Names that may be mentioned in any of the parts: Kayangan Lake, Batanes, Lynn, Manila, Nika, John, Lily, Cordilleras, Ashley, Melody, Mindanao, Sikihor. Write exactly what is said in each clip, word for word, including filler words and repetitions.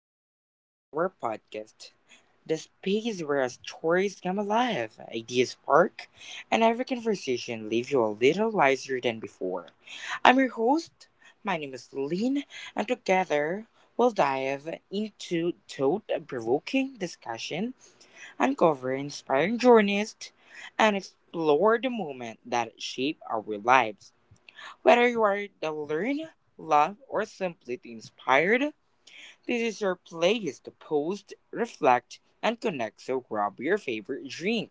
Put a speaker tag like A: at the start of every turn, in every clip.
A: welcome to our podcast, the space where stories come alive, ideas spark, and every conversation leaves you a little wiser than before. I'm your host. My name is Lynn, and together we'll dive into thought-provoking discussion, uncover inspiring journeys, and explore the moment that shape our lives. Whether you are the learn, love, or simply inspired, this is your place to pause, reflect, and connect, so grab your favorite drink,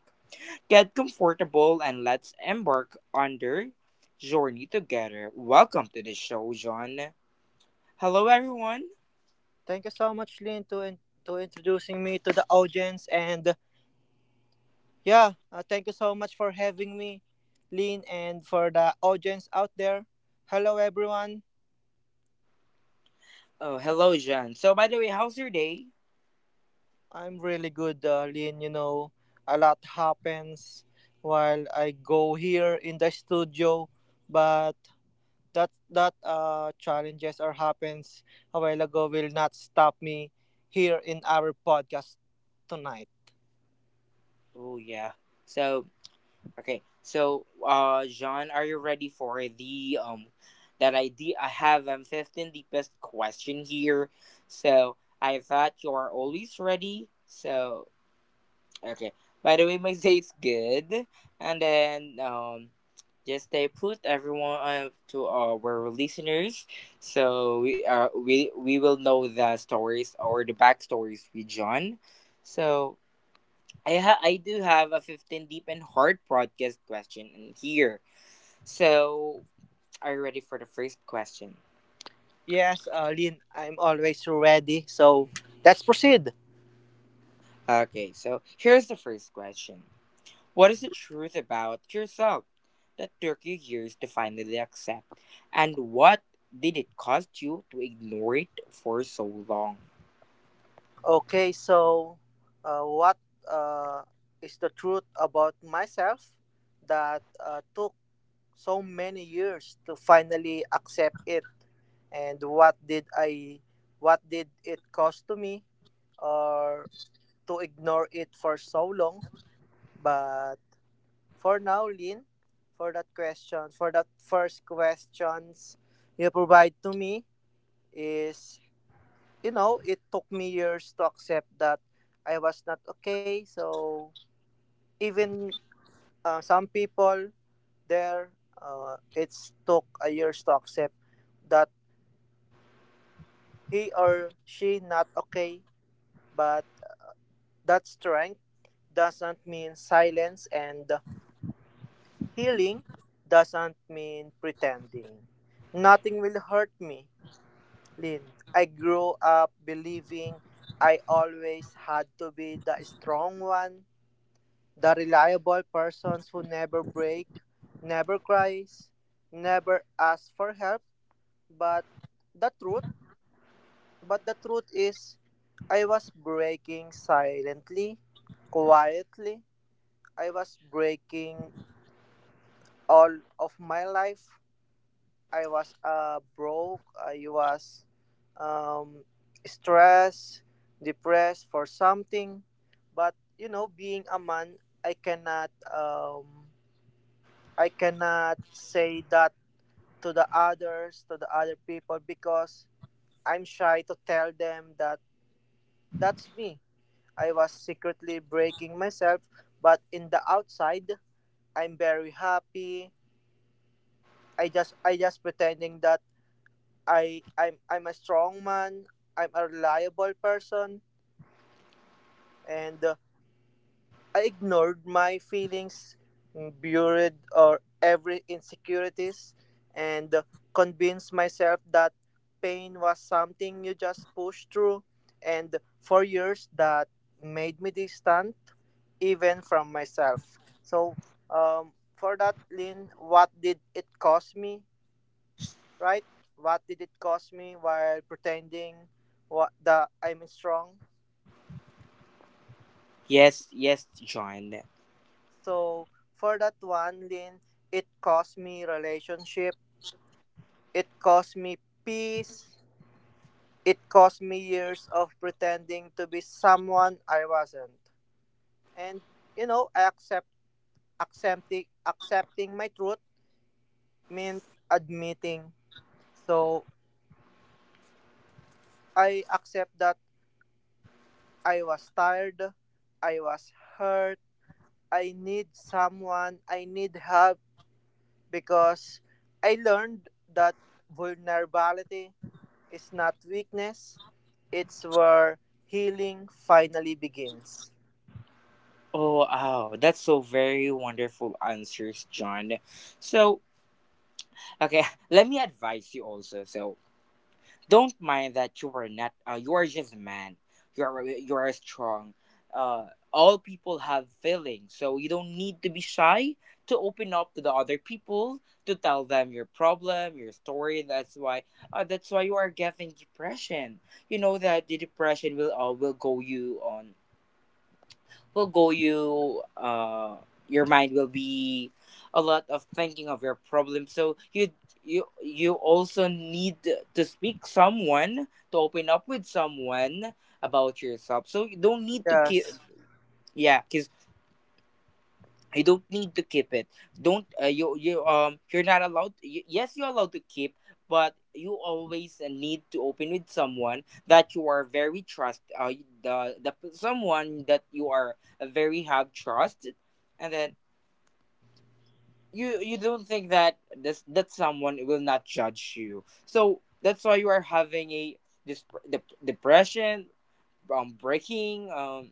A: get comfortable, and let's embark on the journey together. Welcome to the show, John. Hello, everyone.
B: Thank you so much, Lynn, to, in- to introducing me to the audience. And yeah, uh, thank you so much for having me, Lynn, and for the audience out there. Hello, everyone.
A: Oh, hello, John. So, by the way, how's your day?
B: I'm really good, uh, Lynn. You know, a lot happens while I go here in the studio, but that that uh, challenges or happens a while ago will not stop me here in our podcast tonight.
A: Oh, yeah. So, okay. So, uh, John, are you ready for the um that idea? I have um fifteen deepest question here. So, I thought you are always ready. So, okay. By the way, my day's good, and then um, just stay put, everyone, uh, to our listeners, so we uh we we will know the stories or the backstories with John. So I ha- I do have a fifteen deep and hard podcast question in here. So are you ready for the first question?
B: Yes, uh, Lynn, I'm always ready. So let's proceed.
A: Okay, so here's the first question. What is the truth about yourself that took you years to finally accept? And what did it cost you to ignore it for so long?
B: Okay, so uh, what uh, is the truth about myself that uh, took so many years to finally accept it? And what did I, what did it cost to me or to ignore it for so long? But for now, Lynn, for that question, for that first questions you provide to me is you know, it took me years to accept that I was not okay. So even uh, some people there, uh, it's took a years to accept that he or she not okay. But that strength doesn't mean silence, and healing doesn't mean pretending. Nothing will hurt me, Lin. I grew up believing I always had to be the strong one. The reliable persons who never break, never cries, never asks for help, but the truth, but the truth is I was breaking silently, quietly. I was breaking all of my life. I was uh, broke. I was um, stressed, depressed for something. But you know, being a man, I cannot um, I cannot say that to the others, to the other people, because I'm shy to tell them that that's me. I was secretly breaking myself, but in the outside, I'm very happy. I just I just pretending that I I'm I'm a strong man. I'm a reliable person, and uh, I ignored my feelings, buried or every insecurities, and convinced myself that pain was something you just push through. And for years, that made me distant even from myself. So, um, for that, Lynn, what did it cost me? Right? What did it cost me while pretending what the I'm strong?
A: Yes, yes, John.
B: So for that one, Lin, it cost me relationship, it cost me peace, it cost me years of pretending to be someone I wasn't. And you know, I accept accepting accepting my truth meant admitting. So I accept that I was tired, I was hurt, I need someone, I need help because I learned that vulnerability. It's not weakness, it's where healing finally begins.
A: Oh, oh, that's so very wonderful answers, John. So, okay, let me advise you also. So, don't mind that you are not. Uh, you are just a man. You are you are strong. Uh, all people have feelings, so you don't need to be shy to open up to the other people to tell them your problem, your story. That's why. Uh, that's why you are getting depression. You know that the depression will, uh, will go you on, will go you, uh your mind will be a lot of thinking of your problem, so you you you also need to speak someone to open up with someone about yourself, so you don't need to keep,
B: Yes.
A: yeah, because you don't need to keep it. Don't, uh, you you um you're not allowed, y- yes, you're allowed to keep, but you always, uh, need to open with someone that you are very trust, uh, the the someone that you are very have trust, and then you you don't think that this, that someone will not judge you, so that's why you are having a this, dep- depression, um breaking, um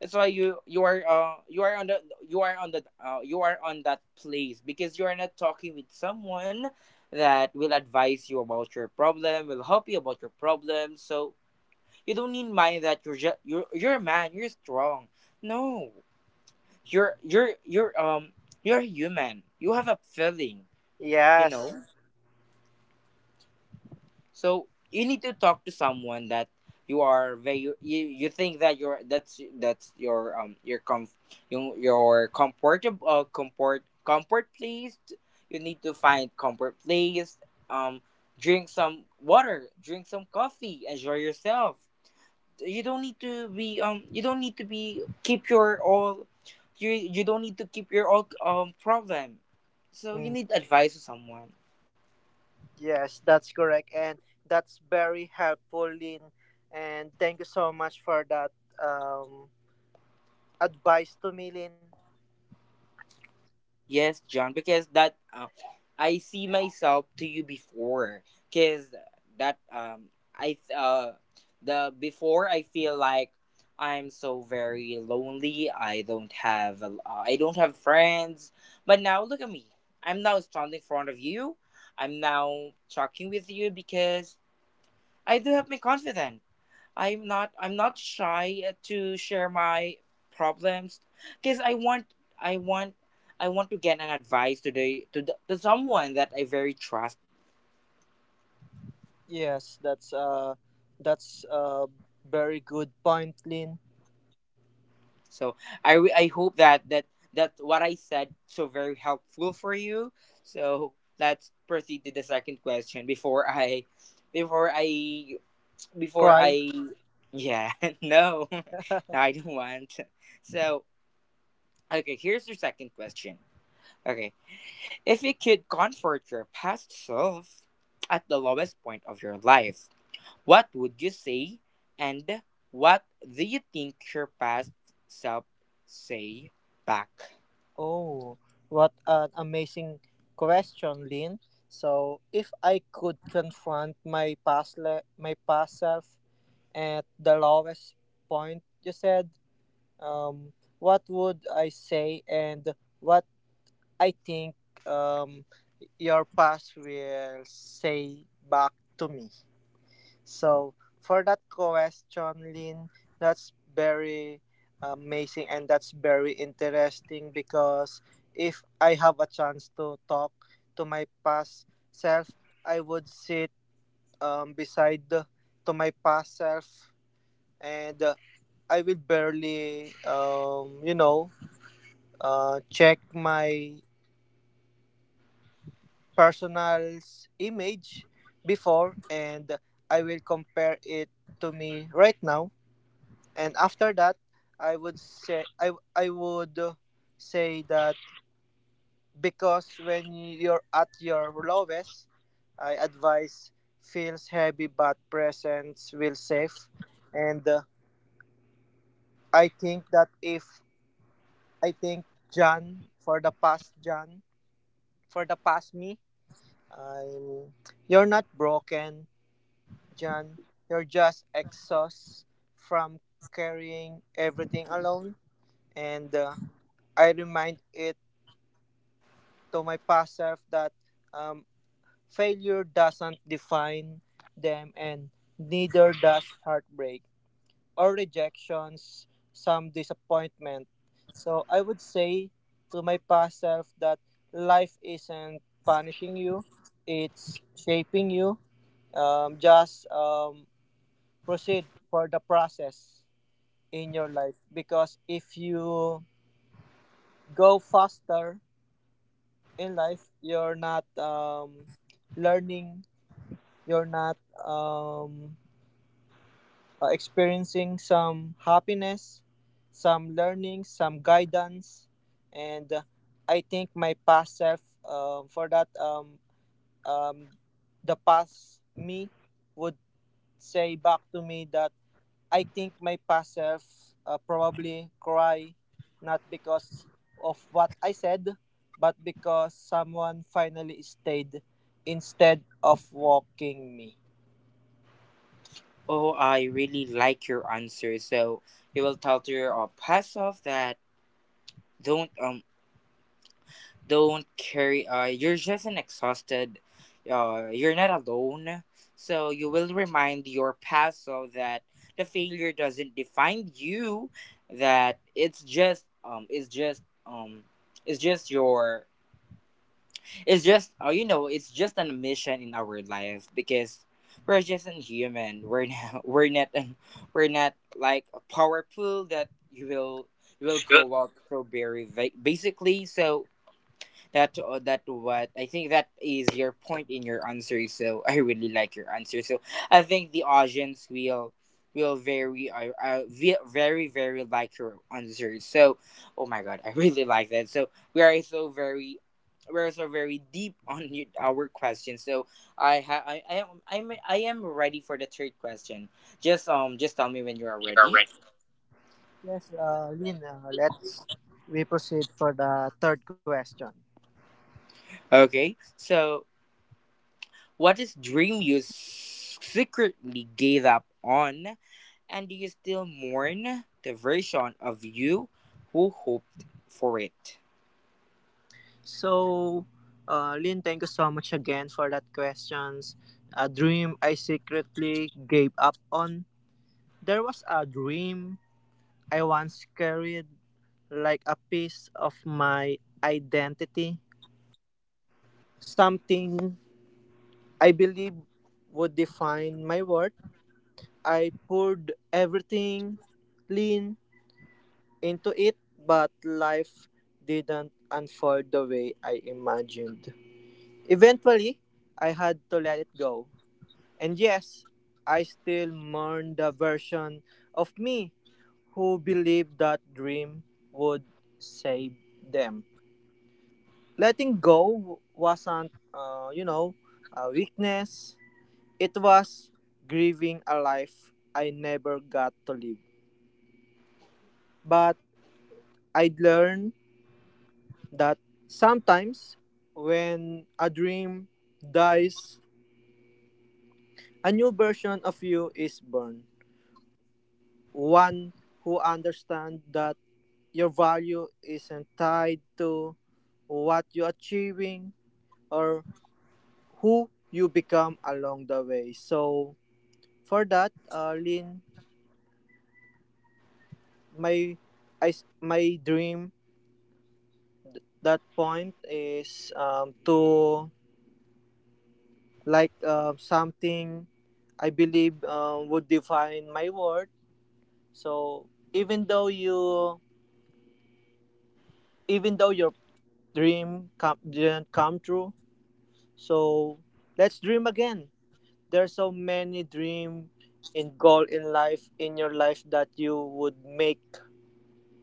A: that's why you you are, uh you are on the you are on the uh, you are on that place, because you are not talking with someone that will advise you about your problem, will help you about your problem. So you don't need mind that you're just you're you're a man, you're strong. No, you're you're you're um you're human. You have a feeling, you
B: Yes.
A: know. So you need to talk to someone that you are very you, you think that you're that's that's your um your, comf your, your comfortable, uh, comfort comfort placed. You need to find comfort place. Um, Drink some water, drink some coffee, enjoy yourself. You don't need to be um you don't need to be keep your all, you you don't need to keep your all, um problem. So you
B: Mm,
A: need advice to someone.
B: yes, that's correct. And that's very helpful, Lynn. And thank you so much for that um, advice to me, Lynn.
A: Yes, John, because that uh, I see myself to you before, because that um I uh the before I feel like I'm so very lonely. I don't have a- uh, I don't have friends, but now look at me. I'm now standing in front of you. I'm now talking with you because I do have my confidence. I'm not I'm not shy, uh, to share my problems, because I want I want I want to get an advice to the to, the, to someone that I very trust.
B: Yes, that's uh that's a very good point, Lynn.
A: So I re- I hope that that that what I said so very helpful for you. So let's proceed to the second question before I before I before
B: Cry.
A: I yeah. No, no, I don't want. So, okay, here's your second question. Okay. If you could comfort your past self at the lowest point of your life, what would you say, and what do you think your past self say back?
B: Oh, what an amazing question, Lynn. So, if I could confront my past, le- my past self at the lowest point you said, um, what would I say and what I think um, your past will say back to me? So for that question, Lynn, that's very amazing and that's very interesting because if I have a chance to talk to my past self, I would sit um, beside the, to my past self and uh, I will barely, um, you know, uh, check my personal's image before and I will compare it to me right now. And after that, I would say I I would say that because when you're at your lowest, I advise feels heavy but presence will safe. And uh, I think that if I think John for the past John for the past me, I'm you're not broken, John. You're just exhaust from carrying everything alone. And uh, I remind it to my past self that um, failure doesn't define them and neither does heartbreak or rejections, some disappointment. So I would say to my past self that life isn't punishing you, it's shaping you. Um, just um, proceed for the process in your life because if you go faster in life, you're not um, learning you're not um, uh, experiencing some happiness, some learning, some guidance, and uh, I think my past self um, for that um, um, the past me would say back to me that I think my past self uh, probably cry not because of what I said but because someone finally stayed instead of walking me.
A: Oh, I really like your answer. So you will tell to your, uh, past self that, don't uh, don't carry, uh you're just an exhausted, uh you're not alone, so you will remind your past so that the failure doesn't define you, that it's just um it's just um it's just your it's just uh, you know it's just an mission in our life, because we're just a human, we're not, we're not we're not like a powerful that you will you will
B: Good.
A: grow up so very, va- basically, so that uh, that what I think that is your point in your answer. So, I really like your answer. So I think the audience will will very, uh, uh ve- very, very like your answer. So, oh my god, I really like that. So we are so very we are so very deep, on y- our question. So I ha- I I am I'm, I am ready for the third question. Just um just tell me when you are
B: You are
A: ready.
B: ready. Yes, uh, Lynn, uh, let's we proceed for the third question.
A: Okay. So, what is dream you s- secretly gave up on? And do you still mourn the version of you who hoped for it?
B: So, uh, Lynn, thank you so much again for that questions. A dream I secretly gave up on. There was a dream I once carried like a piece of my identity, something I believe would define my worth. I poured everything, Lynn, into it, but life didn't unfold the way I imagined. Eventually, I had to let it go. And yes, I still mourn the version of me who believed that dream would save them. Letting go wasn't, uh, you know, a weakness. It was grieving a life I never got to live. But I learned that sometimes when a dream dies, a new version of you is born. One who understands that your value isn't tied to what you're achieving or who you become along the way. So for that, uh, Lin, my I, s- my dream th- that point is um, to like uh, something I believe um, would define my worth. So even though you, even though your dream come, didn't come true, so let's dream again. There's so many dream in goal in life in your life that you would make.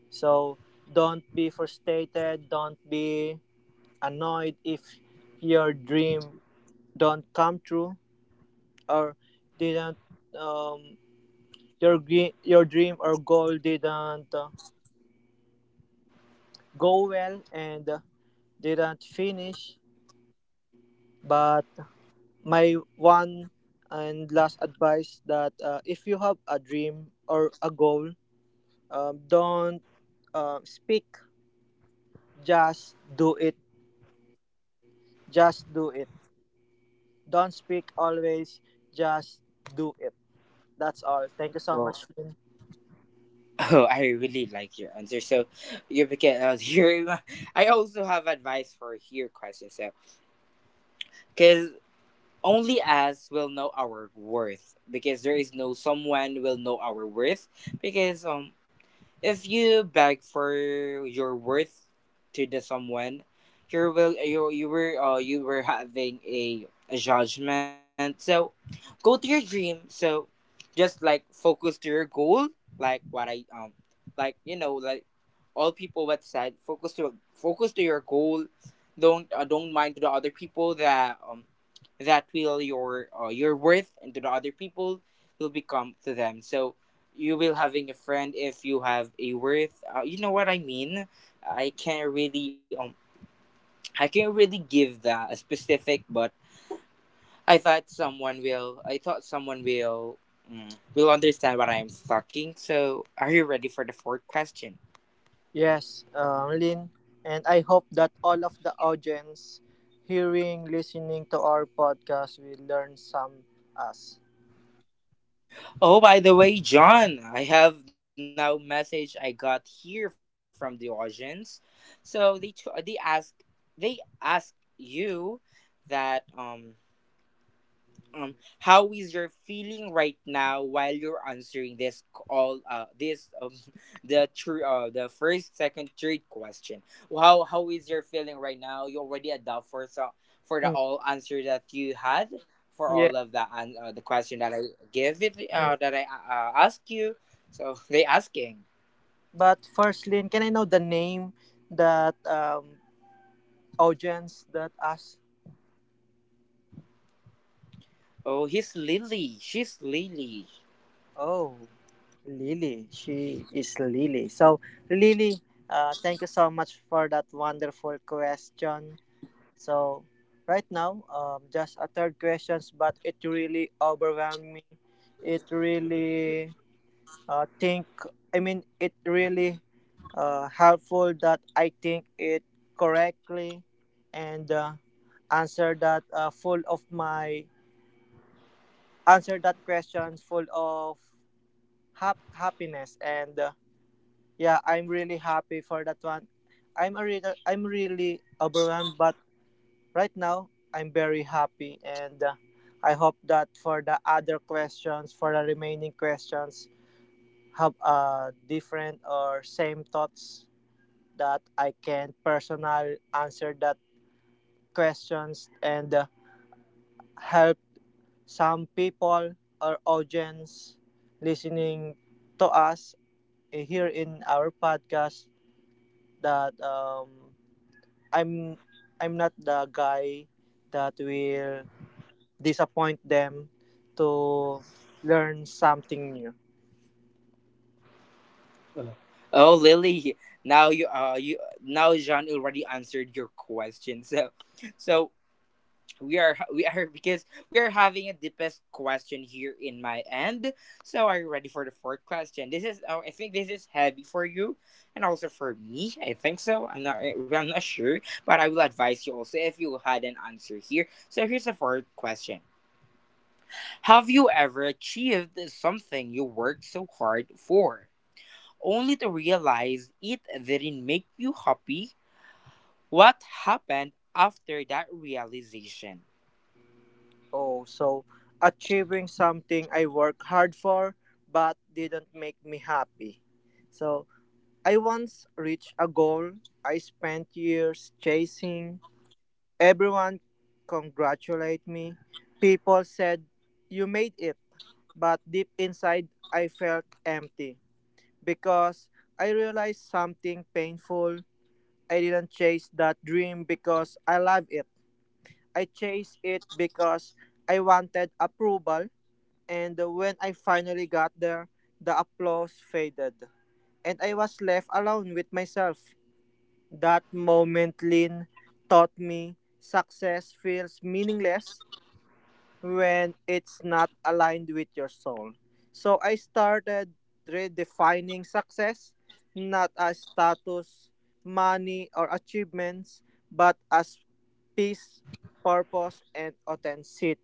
B: So don't be frustrated. Don't be annoyed if your dream don't come true or didn't um, your gre- your dream or goal didn't uh, go well and didn't finish. But my one and last advice that uh, if you have a dream or a goal, um, don't um, speak, just do it. Just do it. Don't speak always, just do it. That's all. Thank you so
A: Well,
B: much, Lynn.
A: oh, I really like your answer. So, you because, uh, here, I also have advice for your question. So, because only us will know our worth, because there is no someone will know our worth, because, um if you beg for your worth to the someone, you will you you were, uh, you were having a, a judgment. So go to your dream. So just like focus to your goal, like what I um like you know like all people what said, focus to focus to your goal. Don't uh, don't mind to the other people that, um that will your, uh, your worth, and to the other people will become to them. So you will having a friend if you have a worth. Uh, you know what I mean? I can't really um I can't really give that a specific, but I thought someone will. I thought someone will. Mm, will understand what I'm talking. So, are you ready for the fourth question?
B: Yes, um, Lynn. And I hope that all of the audience hearing, listening to our podcast will learn some us.
A: Oh, by the way, John, I have now message I got here from the audience. So they t- they ask, they ask you that, um um how is your feeling right now while you're answering this all, uh this, um the true, uh the first, second, third question? How how is your feeling right now? You already adopt for so, for the
B: Mm,
A: all answer that you had, for
B: yeah.
A: all of the, an uh, the question that I give it,
B: Mm.
A: uh that I, uh, ask you. So they asking.
B: But first, Lynn, can I know the name that um, audience that asked?
A: Oh, he's Lily. She's Lily.
B: Oh, Lily. She is Lily. So, Lily, uh, thank you so much for that wonderful question. So, right now, um, just a third questions, but it really overwhelmed me. It really uh, think I mean it really uh, helpful that I think it correctly and uh, answer that uh, full of my answer that question full of hap- happiness and uh, yeah I'm really happy for that one. I'm a reader, I'm really overwhelmed but right now I'm very happy and uh, I hope that for the other questions for the remaining questions have uh, different or same thoughts that I can personally answer that questions and uh, help some people or audience listening to us here in our podcast that um, I'm I'm not the guy that will disappoint them to learn something new.
A: Oh, Lily, now you uh you now Jean already answered your question. So, so we are we are because we are having a deepest question here in my end. So, are you ready for the fourth question? This is, oh, I think this is heavy for you, and also for me. I think so. I'm not I'm not sure, but I will advise you also if you had an answer here. So, here's the fourth question: Have you ever achieved something you worked so hard for, only to realize it didn't make you happy? What happened after that realization?
B: Oh, so achieving something I work hard for but didn't make me happy. So I once reached a goal I spent years chasing. Everyone congratulated me. People said, "You made it." But deep inside, I felt empty because I realized something painful. I didn't chase that dream because I loved it. I chased it because I wanted approval. And when I finally got there, the applause faded. And I was left alone with myself. That moment, Lynn, taught me success feels meaningless when it's not aligned with your soul. So I started redefining success not as status, money, or achievements, but as peace, purpose, and authenticity.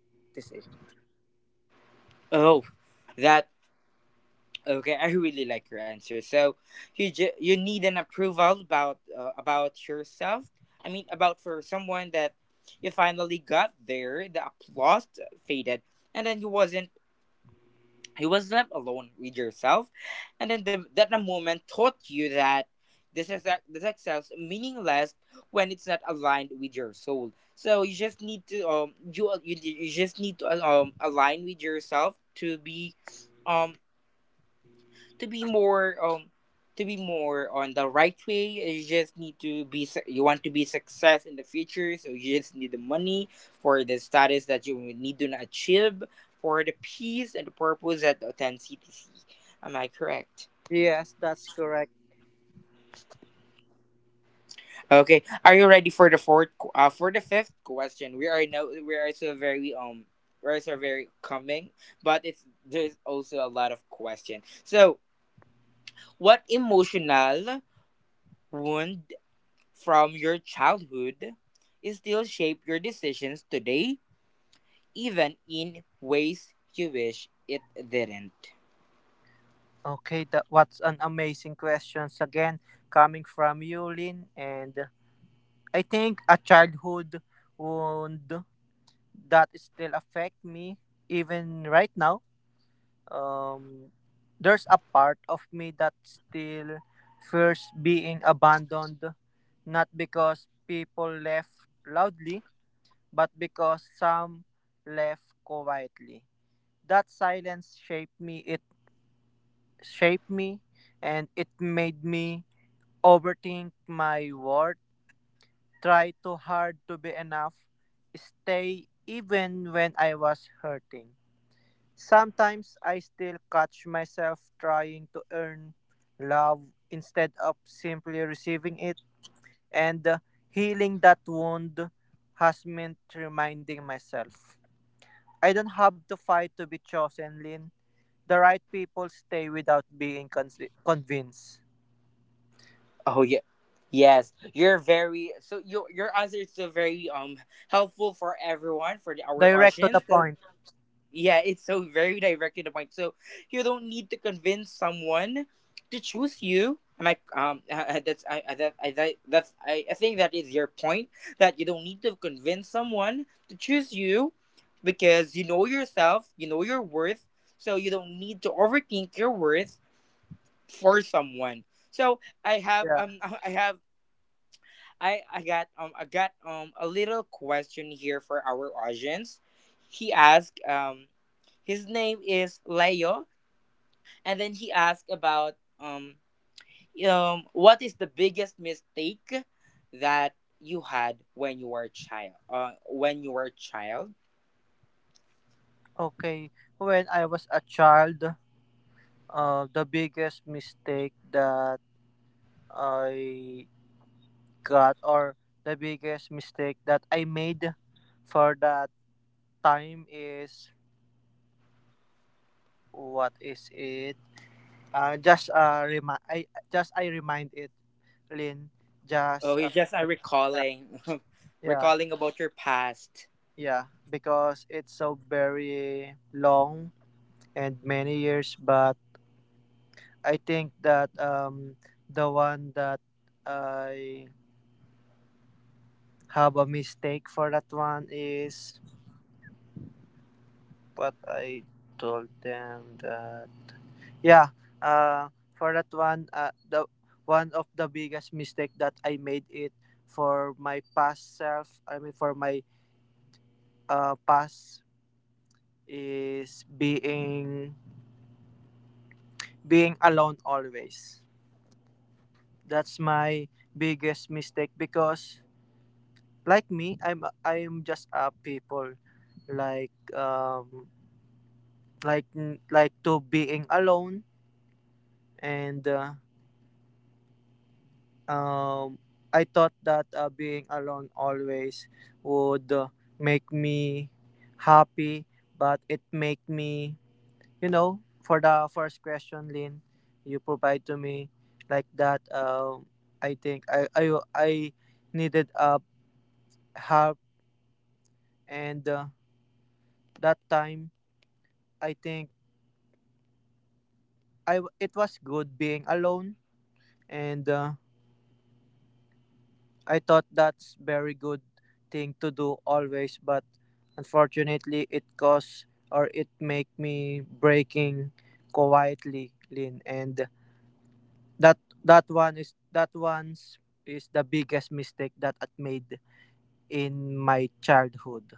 A: Oh, that, okay. I really like your answer. So you ju- you need an approval about, uh, about yourself. I mean, about for someone that you finally got there. The applause faded, and then you wasn't you was left alone with yourself, and then, the, that the moment taught you that, this is that the success meaningless when it's not aligned with your soul, so you just need to, um you you, you just need to, um align with yourself, to be, um to be more, um to be more on the right way. You just need to be, su- you want to be success in the future, so you just need the money for the status that you need to achieve, for the peace and the purpose that attend ctc. Am I correct?
B: Yes, that's correct.
A: Okay, are you ready for the fourth qu- uh, for the fifth question? we are now we are so very, um we are so very coming, but it's there's also a lot of question. So, what emotional wound from your childhood still shape your decisions today, even in ways you wish it didn't?
B: Okay, that what's an amazing questions again coming from you, Lynn, and I think a childhood wound that still affect me even right now. Um, there's a part of me that still fears being abandoned, not because people left loudly, but because some left quietly. That silence shaped me. It shaped me, and it made me overthink my worth. Try too hard to be enough. Stay even when I was hurting. Sometimes I still catch myself trying to earn love instead of simply receiving it, and uh, healing that wound has meant reminding myself. I don't have to fight to be chosen, Lynn. The right people stay without being convi- convinced.
A: Oh yeah. Yes, you're very, so your your answer is so very, um helpful for everyone, for the, our
B: Direct to
A: audience.
B: the
A: So,
B: point.
A: yeah, it's so very direct to the point. So you don't need to convince someone to choose you. And I um uh, uh, that's I, I that I that, that's I, I think that is your point, that you don't need to convince someone to choose you, because you know yourself, you know your worth, so you don't need to overthink your worth for someone. So I have
B: Yeah.
A: um I have I I got um I got, um a little question here for our audience. He asked, um his name is Leo, and then he asked about, um um what is the biggest mistake that you had when you were a child uh when you were a child.
B: Okay. When I was a child, Uh, the biggest mistake that I got, or the biggest mistake that I made for that time is what is it? Uh, just uh, remi- I just I remind it, Lin.
A: Oh,
B: Just
A: you
B: uh,
A: just are
B: uh,
A: recalling,
B: yeah,
A: recalling about your past.
B: yeah, because it's so very long and many years. But I think that um, the one that I How about mistake for that one is what I told them that yeah, uh, for that one, uh, the one of the biggest mistake that I made it for my past self. I mean for my uh past is being being alone always. That's my biggest mistake because like me, I'm I'm just a people like um like like to being alone and uh, um, I thought that uh, being alone always would uh, make me happy, but it make me, you know, for the first question, Lynn, you provide to me like that. Um, I think I I I needed uh, help, and uh, that time I think I w- it was good being alone, and uh, I thought that's very good thing to do always, but unfortunately it caused or it make me breaking quietly, Lin. And that that one is that one's is the biggest mistake that I made in my childhood.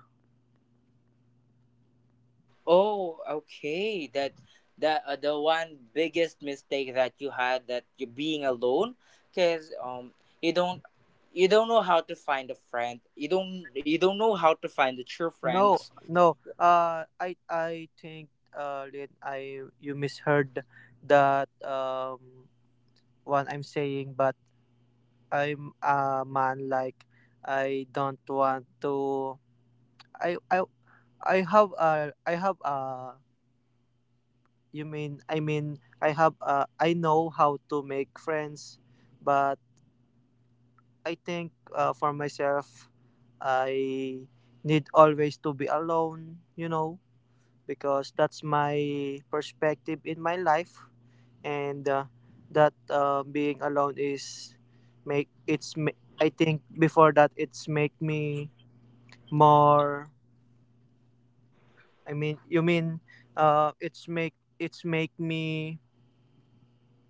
A: Oh, okay. That that uh, the one biggest mistake that you had, that you being alone, because, um you don't you don't know how to find a friend. You don't you don't know how to find the true
B: No,
A: friends.
B: no. Uh, I I think uh, Lin, I you misheard that um one I'm saying, but I'm a man like I don't want to I I I have a I have a you mean I mean I have a, I know how to make friends but I think uh, for myself I need always to be alone you know because that's my perspective in my life and uh, that uh, being alone is make it's ma- I think before that it's make me more I mean you mean uh it's make it's make me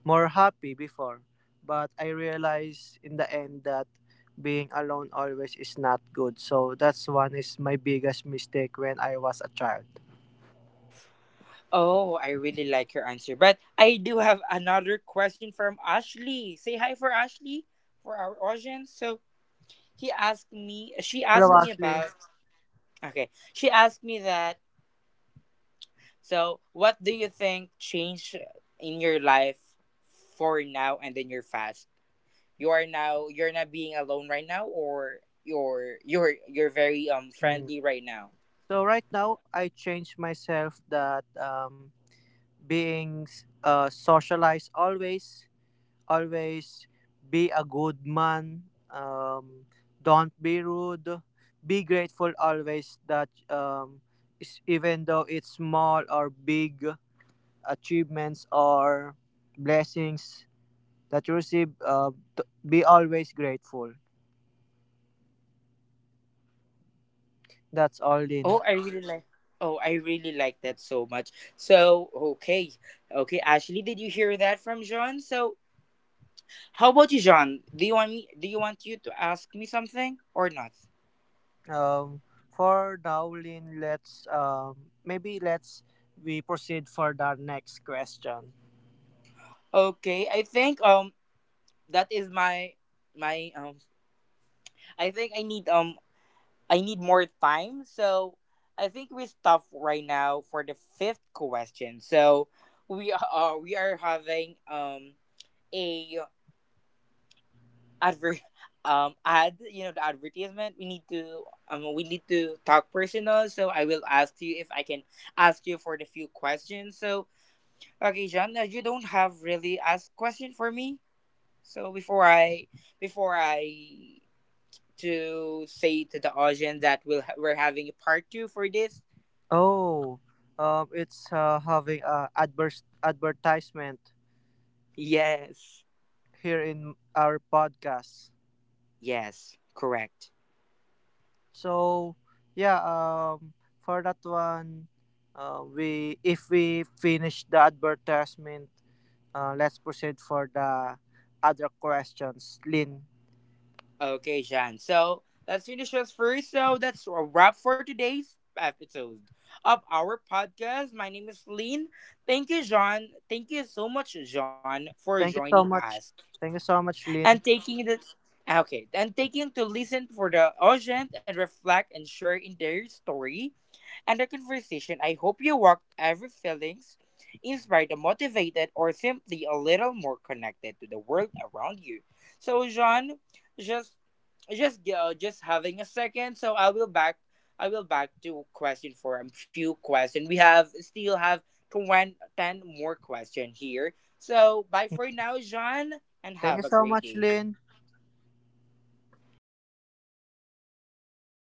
B: more happy before but I realize in the end that being alone always is not good so that's one is my biggest mistake when I was a child.
A: Oh, I really like your answer, but I do have another question from Ashley. Say hi for Ashley for our audience. So he asked me. She
B: Hello
A: asked me
B: Ashley.
A: about. Okay, she asked me that. So, what do you think changed in your life for now and in your past? You are now you're not being alone right now, or you're you're you're very, um
B: Mm.
A: friendly right now.
B: So right now, I change myself that um, being s- uh, socialized always, always be a good man. Um, don't be rude. Be grateful always that um, is- even though it's small or big achievements or blessings that you receive, uh, t- be always grateful. That's all,
A: Oh,
B: Lin.
A: I really like Oh, I really like that so much. So, okay. Okay, Ashley, did you hear that from John? So, how about you, John? Do you want me do you want you to ask me something or not?
B: um for now Lynn, let's um maybe let's we proceed for the next question.
A: Okay, I think, um that is my my um I think I need, um I need more time. So I think we stop right now for the fifth question. So we are we are having, um a advert, um ad you know the advertisement. We need to, um we need to talk personal, so I will ask you if I can ask you for the few questions. So, okay, John, you don't have really asked question for me. So before i before I to say to the audience that, we'll, we're having a part two for this.
B: Oh, um it's uh, having a adverse advertisement
A: Yes.
B: here in our podcast.
A: Yes. Correct.
B: So yeah, um for that one, uh, we if we finish the advertisement, uh, let's proceed for the other questions, Lynn.
A: Okay, Sean. So let's finish this first. So that's a wrap for today's episode of our podcast. My name is Lean. Thank you, John. Thank you so much, John, for
B: Thank you
A: joining
B: so
A: us
B: much. Thank you so much,
A: and
B: Lynn.
A: taking the okay, and taking to listen for the audience, and reflect and share in their story, and our conversation. I hope you walked every feelings inspired, motivated, or simply a little more connected to the world around you. So, John, just just uh, just having a second. So I will back I will back to question for a few question. We have still have twenty ten more question here. So bye for now, John, and
B: Thank you
A: have a
B: so
A: great
B: much,
A: day.
B: Lynn.